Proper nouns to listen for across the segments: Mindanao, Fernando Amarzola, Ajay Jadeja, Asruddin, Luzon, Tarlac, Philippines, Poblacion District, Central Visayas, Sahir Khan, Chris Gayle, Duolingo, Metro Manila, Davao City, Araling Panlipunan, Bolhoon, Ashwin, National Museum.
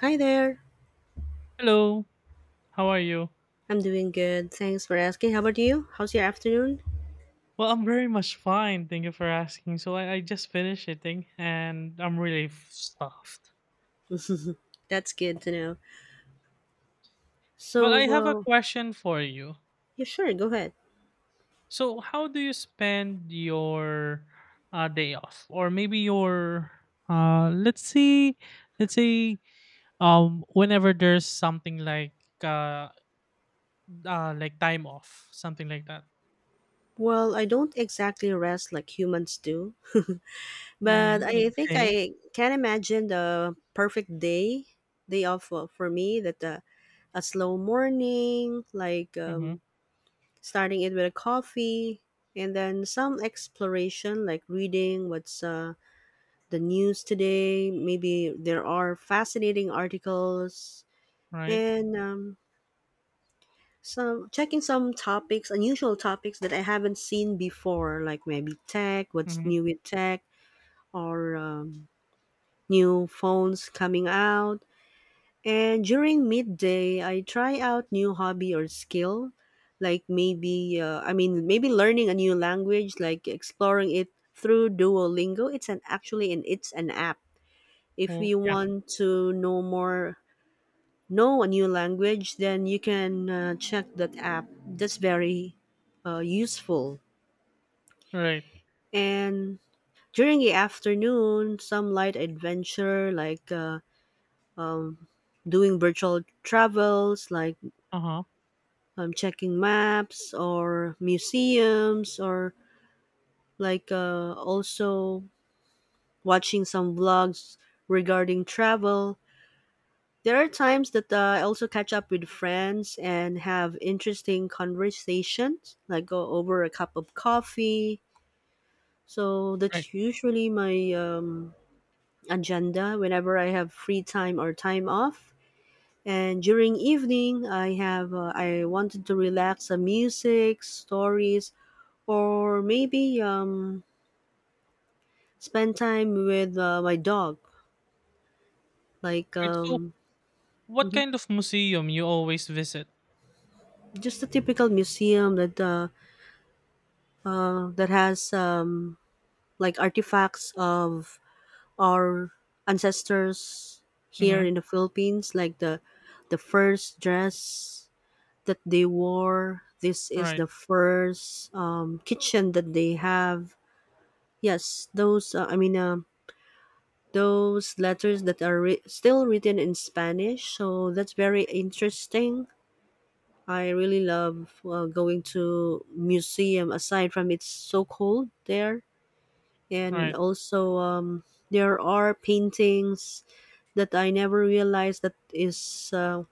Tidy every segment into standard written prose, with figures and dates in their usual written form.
Hi there. Hello, how are you? I'm doing good. Thanks for asking. How about you? How's your afternoon? Well, I'm very much fine. Thank you for asking. So I just finished eating and I'm really stuffed. That's good to know. But So, I have a well, question for you. yeah, sure, go ahead. So how do you spend your day off, or maybe your let's see, let's say whenever there's something uh, like time off, something like that. Well, I don't exactly rest like humans do, but Mm, I think okay. I can imagine the perfect day, day off for me that a slow morning, like Mm-hmm. Starting it with a coffee and then some exploration, like reading what's the news today. Maybe there are fascinating articles, Right. and some checking some topics, unusual topics that I haven't seen before, like maybe tech, what's Mm-hmm. new with tech, or new phones coming out. And during midday, I try out new hobby or skill, like maybe I mean maybe learning a new language, like exploring it through Duolingo. It's an app. If Well, you yeah. want to know more, know a new language, then you can check that app. That's very useful. Right. And during the afternoon, some light adventure like um, doing virtual travels, like Uh huh. Checking maps or museums, or also watching some vlogs regarding travel. There are times that I also catch up with friends and have interesting conversations, like go over a cup of coffee. So Right. that's usually my agenda whenever I have free time or time off. And during evening, I wanted to relax, some music, stories, or maybe spend time with my dog, like Right. So what mhm, kind of museum you always visit? just a typical museum that has like artifacts of our ancestors Mm-hmm. here in the Philippines, like the first dress that they wore. This is Right. the first kitchen that they have. Yes, those. Those letters that are still written in Spanish. So that's very interesting. I really love going to museum. Aside from it's so cold there, and Right. also there are paintings that I never realized that is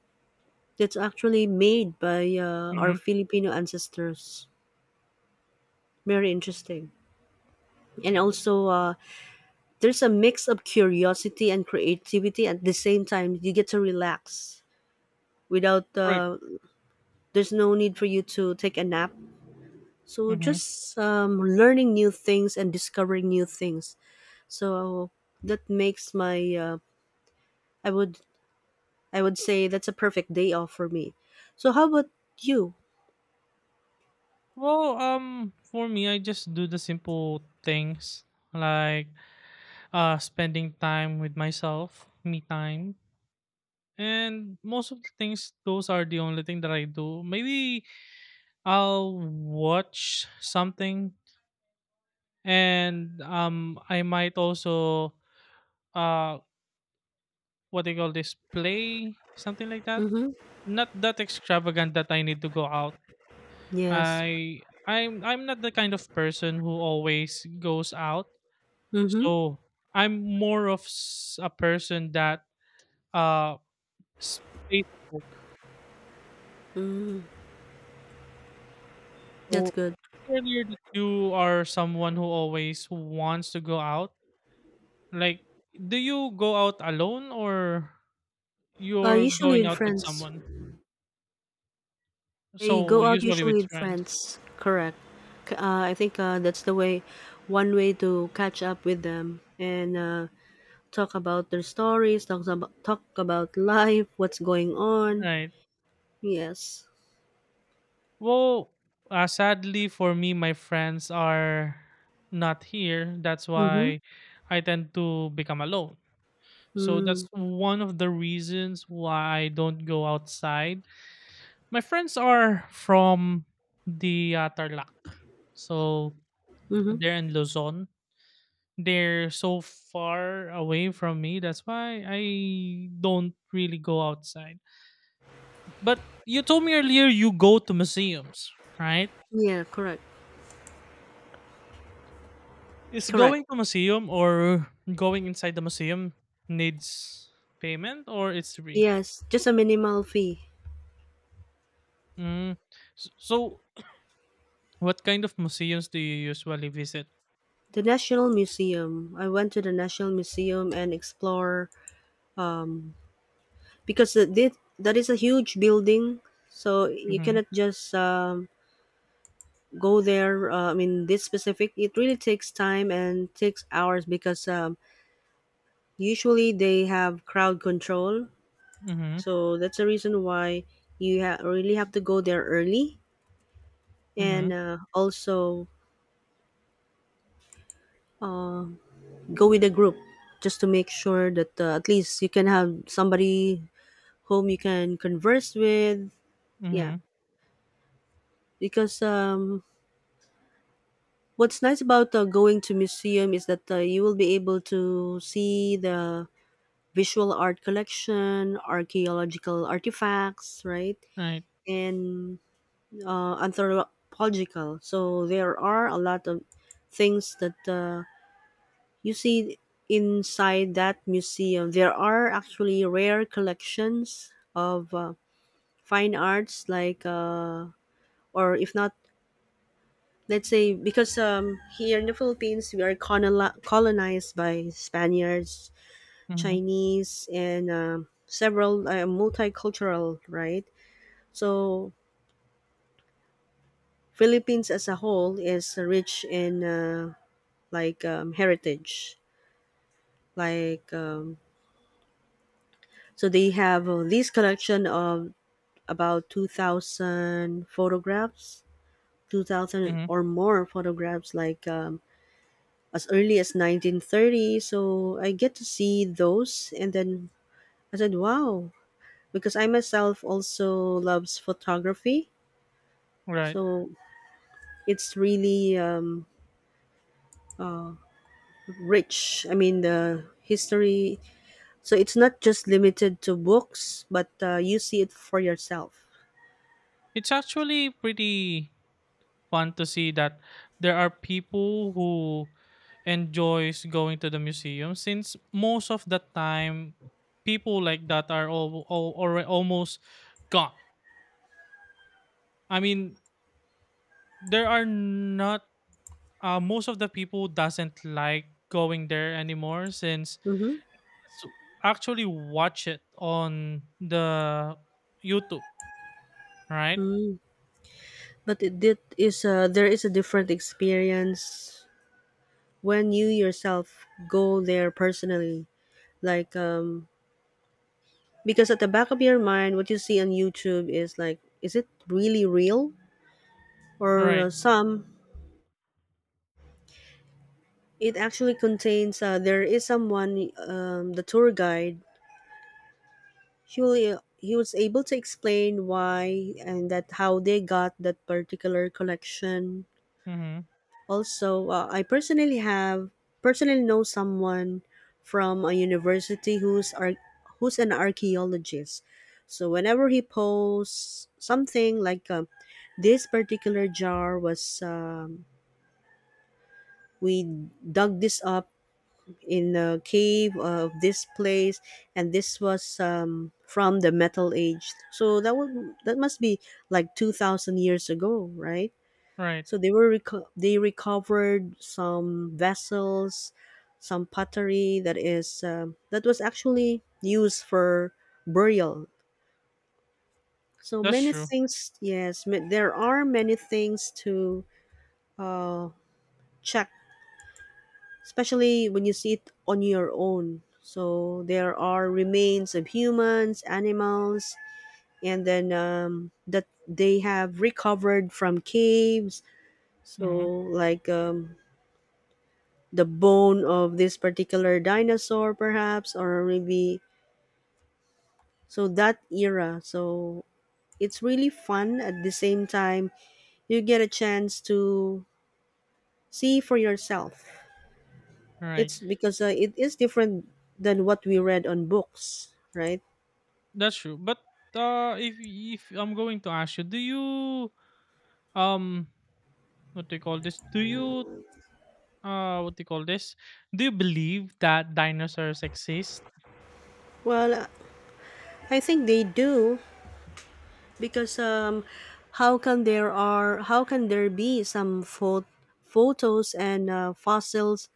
that's actually made by our Mm-hmm. Filipino ancestors. Very interesting. And there's a mix of curiosity and creativity at the same time. You get to relax without. Right. There's no need for you to take a nap. So Mm-hmm. just learning new things and discovering new things. So that makes my. I would I would say that's a perfect day off for me. So how about you? Well, for me, I just do the simple things like spending time with myself, me time, and most of the things. Those are the only thing that I do. Maybe I'll watch something, and I might also uh, what do you call this? Play something like that. Mm-hmm. Not that extravagant that I need to go out Yes. I I'm I'm not the kind of person who always goes out. Mm-hmm. So I'm more of a person that uh stays at home. Mm, that's So good. earlier that you are someone who always wants to go out. Like, do you go out alone or you're Usually going with out with friends. someone? I So go out usually usually with with friends. friends. Correct. I think that's the way, one way to catch up with them and talk about their stories, talk about life, what's going on. Right. Yes. Well, sadly for me, my friends are not here. That's Mm-hmm. why I tend to become alone. So Mm-hmm. that's one of the reasons why I don't go outside. My friends are from the Tarlac. So they're in Luzon. They're so far away from me. That's why I don't really go outside. But you told me earlier you go to museums, right? Yeah. Correct. Is Correct. going to museum or going inside the museum needs payment or it's free? Yes. Just a minimal fee. Mm. So, what kind of museums do you usually visit? The National Museum. I went to the National Museum and explore um, because that is a huge building, so you Mm-hmm. cannot just go there. This specific it really takes time and takes hours because usually they have crowd control, Mm-hmm. so that's the reason why you really have to go there early, Mm-hmm. and also go with a group, just to make sure that at least you can have somebody whom you can converse with. Yeah, Mm-hmm. because what's nice about going to museum is that you will be able to see the visual art collection, archaeological artifacts, right, Right. and anthropological. So there are a lot of things that you see inside that museum. There are actually rare collections of fine arts, like or if not, let's say because here in the Philippines we are colonized by Spaniards, Mm-hmm. Chinese, and several multicultural, right? So Philippines as a whole is rich in heritage, like um, so they have this collection of about 2,000 photographs, 2,000 Mm-hmm. or more photographs, like as early as 1930. So I get to see those. And then I said, wow, because I myself also loves photography. Right. So it's really uh, rich. I mean, the history. So it's not just limited to books, but you see it for yourself. It's actually pretty fun to see that there are people who enjoys going to the museum since most of the time people like that are already almost gone. I mean, there are not most of the people doesn't like going there anymore since Mm-hmm. it's actually watch it on the YouTube, right? Mm. But it is a, there is a different experience when you yourself go there personally. Like because at the back of your mind, what you see on YouTube is like, is it really real, or Right. some it actually contains there is someone, the tour guide, he was able to explain why and that how they got that particular collection. Mm-hmm. Also, I personally have, personally know someone from a university who's an archaeologist. So whenever he posts something like this particular jar was we dug this up in the cave of this place, and this was from the metal age, so that would, that must be like 2000 years ago, right? Right. So they were they recovered some vessels, some pottery that is that was actually used for burial. So That's many true. things. There are many things to uh, check, especially when you see it on your own. So there are remains of humans, animals, and then that they have recovered from caves. So Mm-hmm. like the bone of this particular dinosaur perhaps, or maybe so that era. So it's really fun. At the same time, you get a chance to see for yourself. Right. It's because it is different than what we read on books, right? That's true. But if I'm going to ask you, do you um what do you call this? Do you what do you call this? Do you believe that dinosaurs exist? well uh, I think they do, because how can there are, how can there be some photos and fossils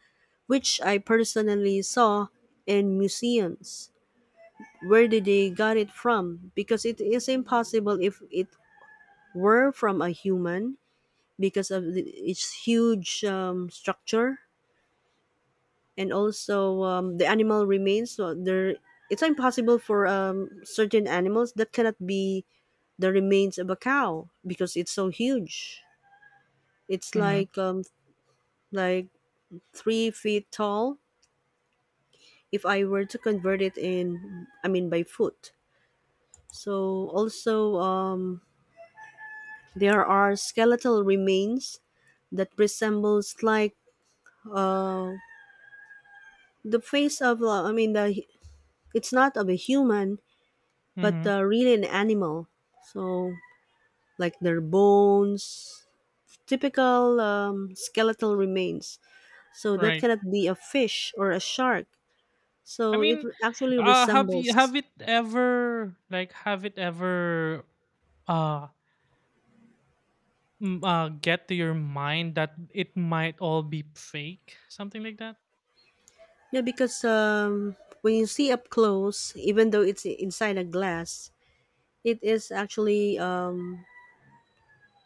which I personally saw in museums. Where did they got it from? Because it is impossible if it were from a human, because of the, its huge structure, and also the animal remains. So there, it's impossible for certain animals that cannot be the remains of a cow, because it's so huge. It's Mm-hmm. Like 3 feet tall, if I were to convert it in, I mean by foot. So also There are skeletal remains that resembles like uh, the face of the, it's not of a human, but Mm-hmm. Really an animal. So like their bones, typical skeletal remains. So that Right. cannot be a fish or a shark. I So it mean, actually resembles. have it ever uh, get to your mind that it might all be fake, something like that? Yeah, because when you see up close, even though it's inside a glass, it is actually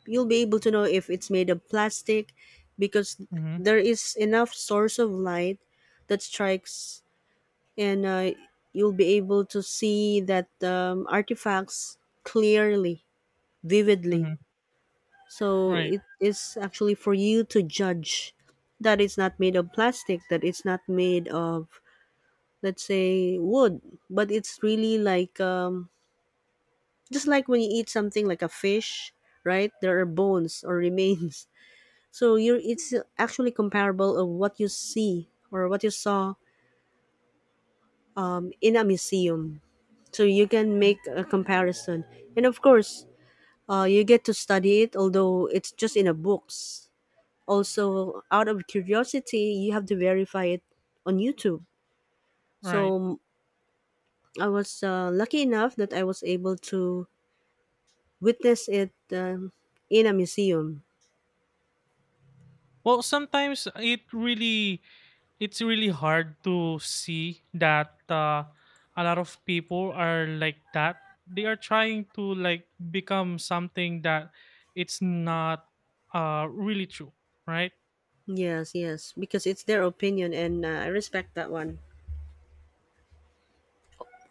you'll be able to know if it's made of plastic, because Mm-hmm. there is enough source of light that strikes, and you'll be able to see that artifacts clearly, vividly. Mm-hmm. So Right. it is actually for you to judge that it's not made of plastic, that it's not made of, let's say, wood, but it's really like just like when you eat something like a fish, right, there are bones or remains. So you're, it's actually comparable of what you see or what you saw in a museum. So you can make a comparison, and of course, you get to study it, although it's just in a books. Also, out of curiosity, you have to verify it on YouTube. So Right. I was lucky enough that I was able to witness it in a museum. Well, sometimes it's really hard to see that a lot of people are like that. They are trying to like become something that it's not really true, right? Yes, yes, because it's their opinion, and I respect that one.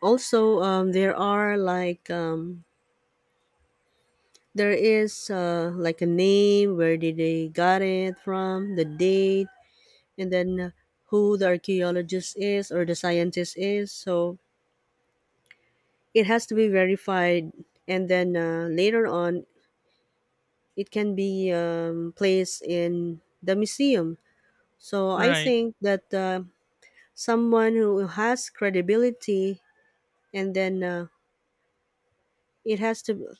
Also there are like there is like a name, where did they got it from, the date, and then who the archaeologist is, or the scientist is. So it has to be verified, and then later on it can be placed in the museum. So I Right. think that someone who has credibility, and then it has to,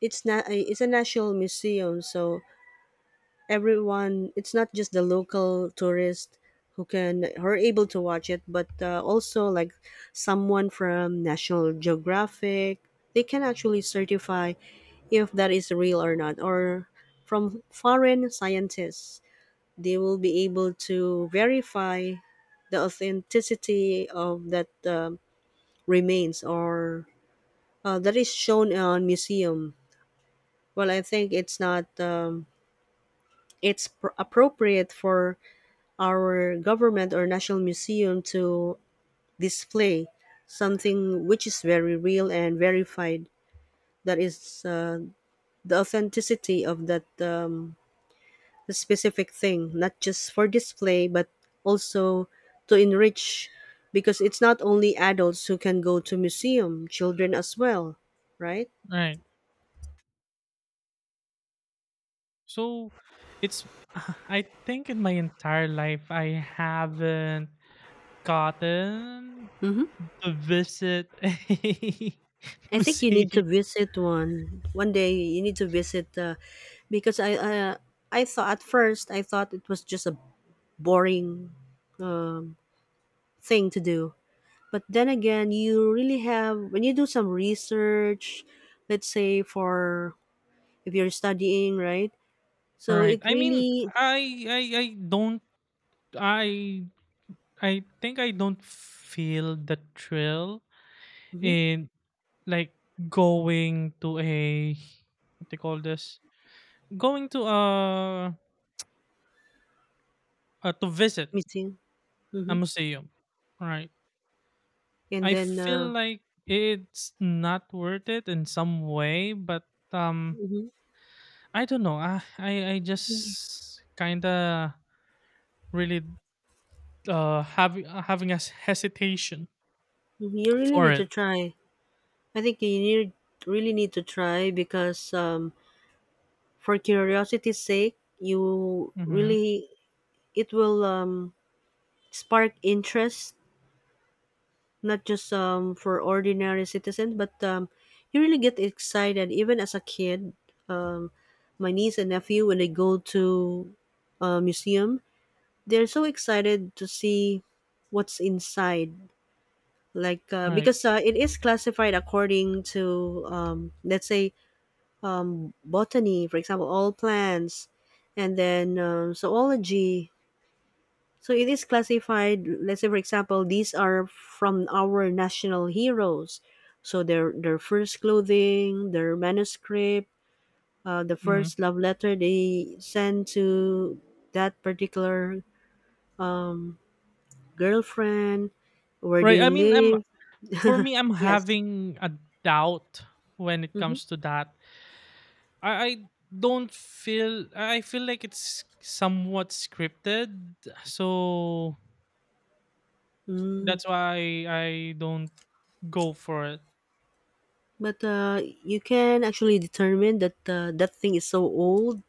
it's not, it's a national museum, so everyone, it's not just the local tourist who can, who are able to watch it, but also like someone from National Geographic, they can actually certify if that is real or not, or from foreign scientists, they will be able to verify the authenticity of that remains, or that is shown on museum. Well, I think it's not appropriate for our government or national museum to display something which is very real and verified, that is the authenticity of that specific thing, not just for display, but also to enrich, because it's not only adults who can go to museum, children as well, right? Right. So it's I think in my entire life I haven't gotten Hmm. to visit a I think you need museum. to visit one one day. You need to visit because I thought at first, I thought it was just a boring um, thing to do. But then again, you really have, when you do some research, let's say, for if you're studying, right? So Right. it I mean, really I don't. I I think I don't feel the thrill mm-hmm, in like going to a what they call this? Going to a, to visit missing, a mm-hmm, museum. Right. and I then feel like it's not worth it in some way, but um, mhm, I don't know. I mhm, just kind of really having a hesitation you really for need to it. try. I think you need really need to try because for curiosity's sake, you Mm-hmm. really it will spark interest, not just for ordinary citizens, but you really get excited. Even as a kid, um, my niece and nephew, when they go to a museum, they're so excited to see what's inside. Like, Right. because it is classified according to, let's say, botany, for example, all plants, and then zoology. So it is classified, let's say for example, these are from our national heroes. So their first clothing, their manuscript, the Mm-hmm. first love letter they send to that particular um, girlfriend, where Right. they I mean, I'm live. for me, I'm Yes. having a doubt when it Hmm. comes to that. I don't feel. I feel like it's somewhat scripted, so Mm. that's why I don't go for it. But you can actually determine that that thing is so old.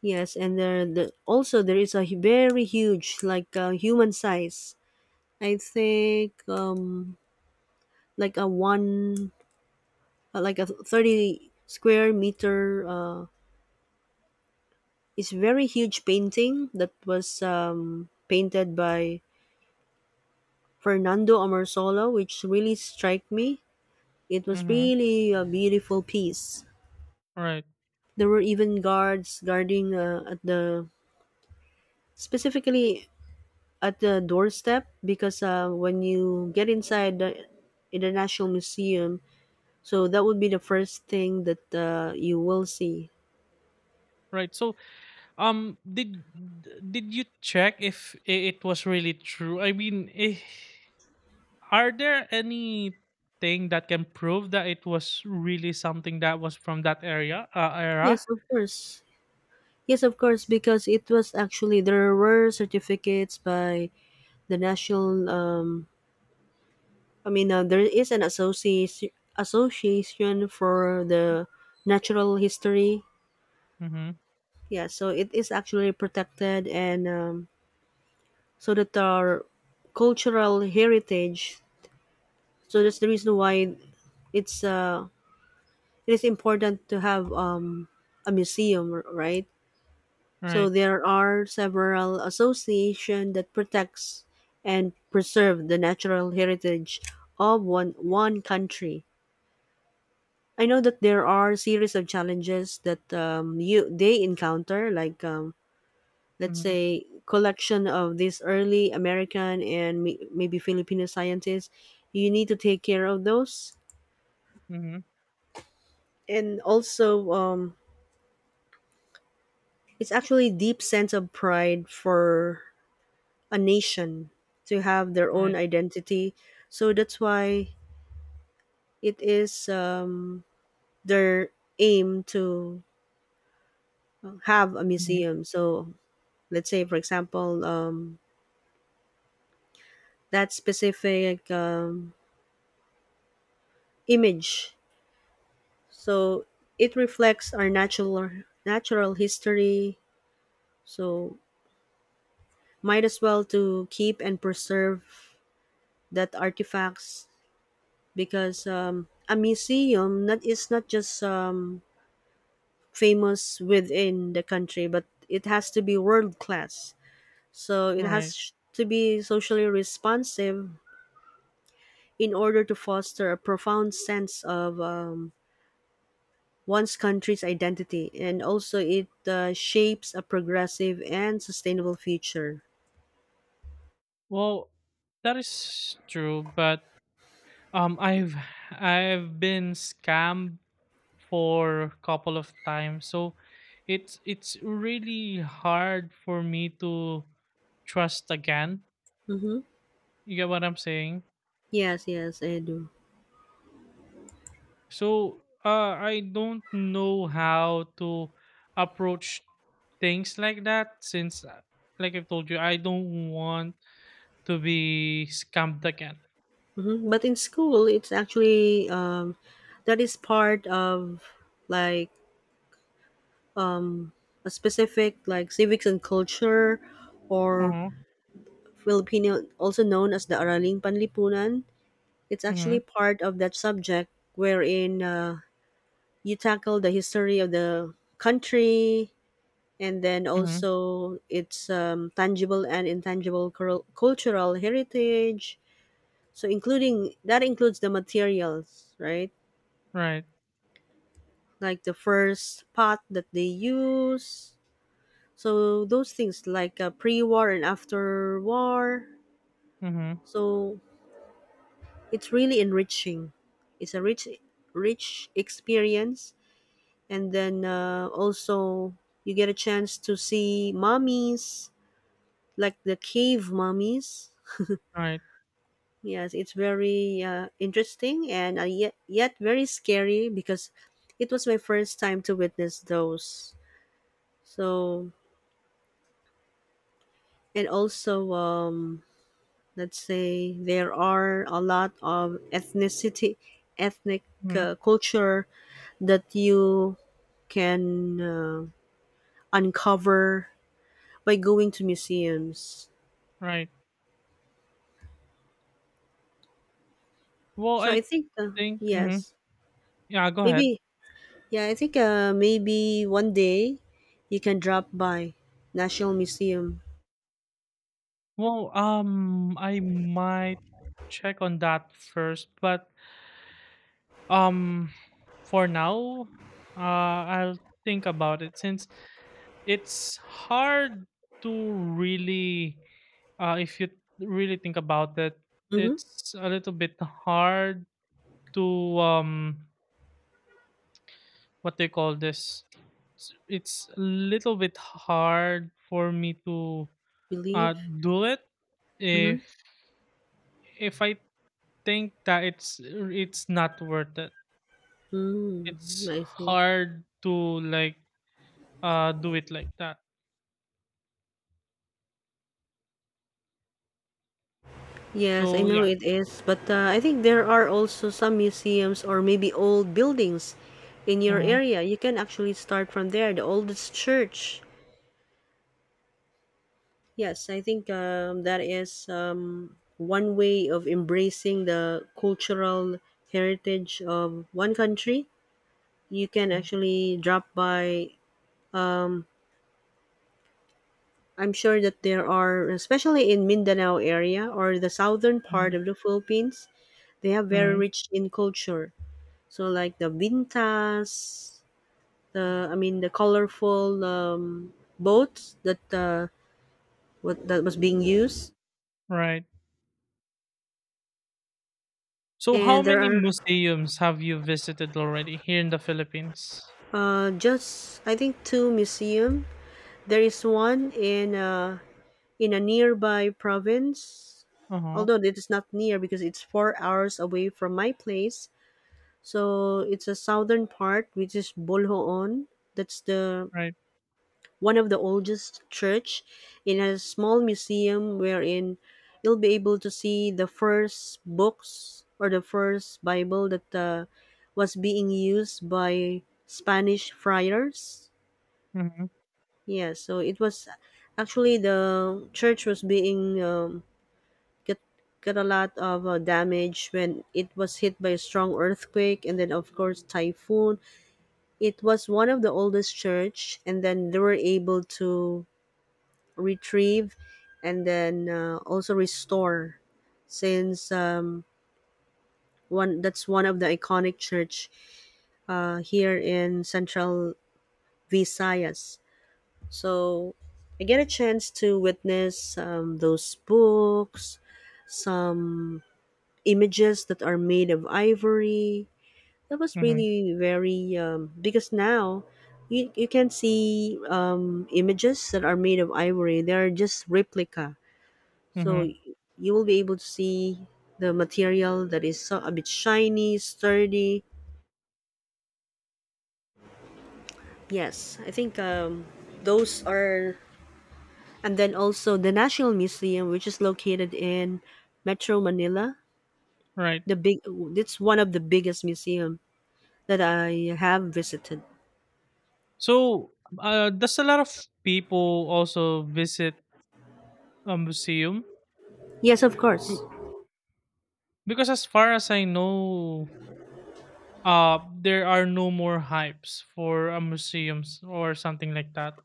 Yes, and also there is a very huge, like human size. I think like a one, like a 30 square meter. It's very huge painting that was painted by Fernando Amarzola, which really struck me. It was Mm-hmm. really a beautiful piece. Right. There were even guards guarding at the, specifically at the doorstep, because when you get inside the International Museum, so that would be the first thing that you will see. Right. So, um, did did you check if it was really true? I mean, are there anything that can prove that it was really something that was from that area era? Yes, of course. Yes, of course, because it was actually there were certificates by the national. I mean, there is an association for the natural history. Mm-hmm. Yeah, so it is actually protected, and so that our cultural heritage. So that's the reason why it's uh, it is important to have a museum, right? So Right. there are several association that protects and preserve the natural heritage of one country. I know that there are series of challenges that you they encounter, like let's Mm-hmm. say collection of these early American and maybe Filipino scientists. You need to take care of those, Mm-hmm. and also it's actually deep sense of pride for a nation to have their own Right. identity. So that's why it is their aim to have a Mm-hmm. museum. So let's say, for example, that specific image. So it reflects our natural history. So might as well to keep and preserve that artifacts, because a museum not is not just famous within the country, but it has to be world class. So it Right. has to be socially responsive in order to foster a profound sense of one's country's identity, and also it shapes a progressive and sustainable future. Well, that is true, but um, I've I've been scammed for couple of times. So it's really hard for me to trust again. Mm-hmm. You get what I'm saying? Yes, yes, I do. So I don't know how to approach things like that since, like I've told you, I don't want to be scammed again. But in school, it's actually that is part of like a specific, like civics and culture, or Mm-hmm. Filipino, also known as the Araling Panlipunan. It's Mm-hmm. actually part of that subject wherein you tackle the history of the country, and then Mm-hmm. also its tangible and intangible cultural heritage. So, including that includes the materials, right? Right. Like the first pot that they use. So, those things like pre war and after war. Mm-hmm. So, it's really enriching. It's a rich, rich experience, and then also you get a chance to see mummies, like the cave mummies. Right. Yes, it's very interesting and yet very scary, because it was my first time to witness those. So and also let's say there are a lot of ethnic Mm-hmm. Culture that you can uncover by going to museums. Right. Well, So I I think think. Mm-hmm. yes, Yeah. Go ahead. maybe, yeah, I think maybe one day you can drop by National Museum. Well, I might check on that first, but um, for now, uh, I'll think about it since it's hard to really, if you really think about it, Mm-hmm. it's a little bit hard to what they call this. It's a little bit hard for me to uh Believe. do it if Mm-hmm. if I think that it's not worth it. It's Mm, I see. hard to like do it like that. Yes, I So know yeah. it is, but I think there are also some museums or maybe old buildings in your Mhm. area. You can actually start from there. The oldest church. Yes, I think that is one way of embracing the cultural heritage of one country. You can actually drop by. um, I'm sure that there are, especially in Mindanao area or the southern part Mhm. of the Philippines, they have very Mhm. rich in culture. So like the vintas, the I mean the colorful boats that what that was being used, Right. So how and there many are. museums have you visited already here in the Philippines? Just I think two museum. There is one in a nearby province, Uh-huh. although it is not near because it's 4 hours away from my place. So it's a southern part, which is Bolhoon. That's the Right. one of the oldest church. It has a small museum wherein you'll be able to see the first books or the first Bible that was being used by Spanish friars. Mhm. Yeah, so it was actually the church was being get get a lot of damage when it was hit by a strong earthquake and then of course typhoon. It was one of the oldest church, and then they were able to retrieve and then also restore, since one that's one of the iconic church here in Central Visayas. So I get a chance to witness those books, some images that are made of ivory. That was Mhm. really very because now you can see images that are made of ivory. They are just replica. So Mhm. You will be able to see the material that is so, a bit shiny, sturdy. Yes, I think those are. And then also the National Museum, which is located in Metro Manila. Right. The big It's one of the biggest museum that I have visited. So does a lot of people also visit a museum? Yes, of Be- course. Because as far as I know, there are no more hypes for a museums or something like that.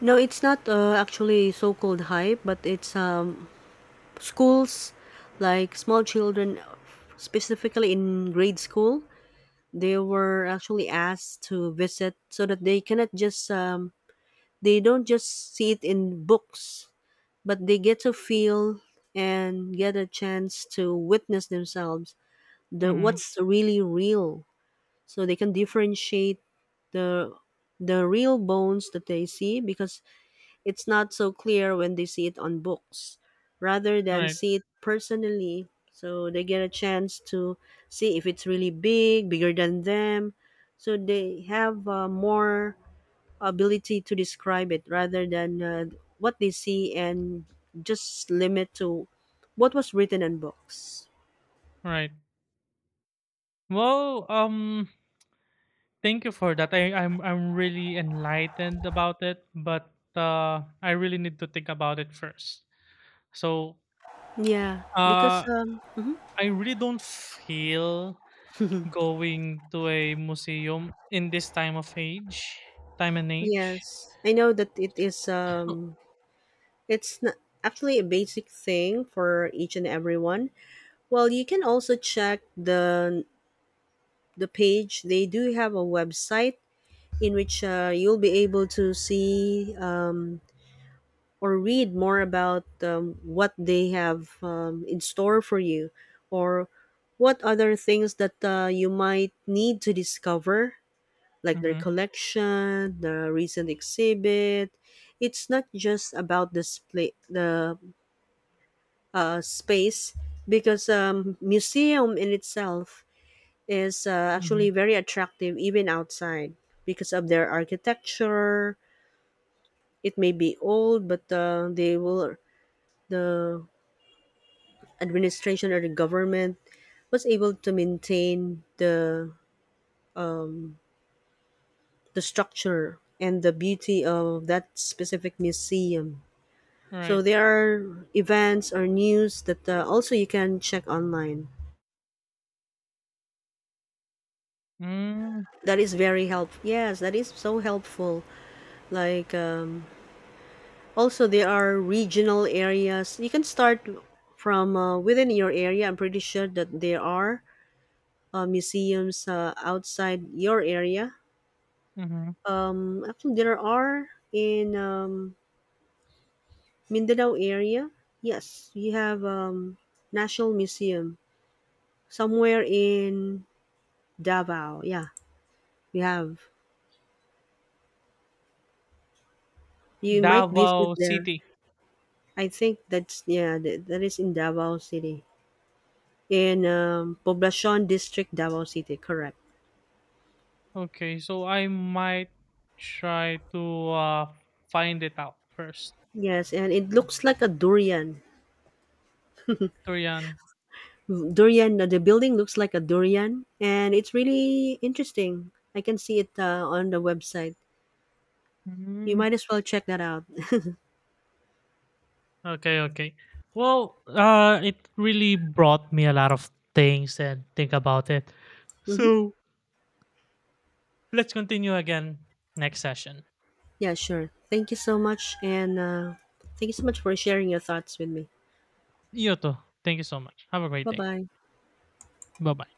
No, it's not actually so-called hype, but it's schools, like small children, specifically in grade school. They were actually asked to visit so that they cannot just they don't just see it in books, but they get to feel and get a chance to witness themselves the Mm-hmm. what's really real, so they can differentiate the the real bones that they see, because it's not so clear when they see it on books rather than Right, see it personally, so they get a chance to see if it's really bigger than them, so they have more ability to describe it rather than what they see, and just limit to what was written in books. right. Well, thank you for that. I'm really enlightened about it, but I really need to think about it first. So, Yeah, because uh, mhm. I really don't feel going to a museum in this time of age, time and age. Yes, I know that it's not actually a basic thing for each and everyone. Well, you can also check the page. They do have a website in which you'll be able to see, or read more about, what they have in store for you, or what other things that you might need to discover, like their Mm-hmm. collection, the recent exhibit. It's not just about the space, because museum in itself is actually Mm-hmm. very attractive even outside because of their architecture. It may be old, but the administration or the government was able to maintain the structure and the beauty of that specific museum. So Right. there are events or news that also you can check online. Mm-hmm. That is very helpful. Yes, that is so helpful. Like also there are regional areas. You can start from within your area. I'm pretty sure that there are museums outside your area. Mm-hmm. Actually, there are in Mindanao area. Yes, we have National Museum somewhere in Davao. Yeah, we have. You might visit Davao there. City. I think that's, yeah. That is in Davao City, in Poblacion District, Davao City. Correct. Okay, so I might try to find it out first. Yes, and it looks like a durian. Turian. The building looks like a durian, and it's really interesting. I can see it on the website. You Mm, might as well check that out. okay, okay. Well, it really brought me a lot of things and think about it. Mm-hmm. So let's continue again next session. Yeah, sure. Thank you so much. And thank you so much for sharing your thoughts with me. Yoto, thank you so much. Have a great Bye day. bye. Bye bye.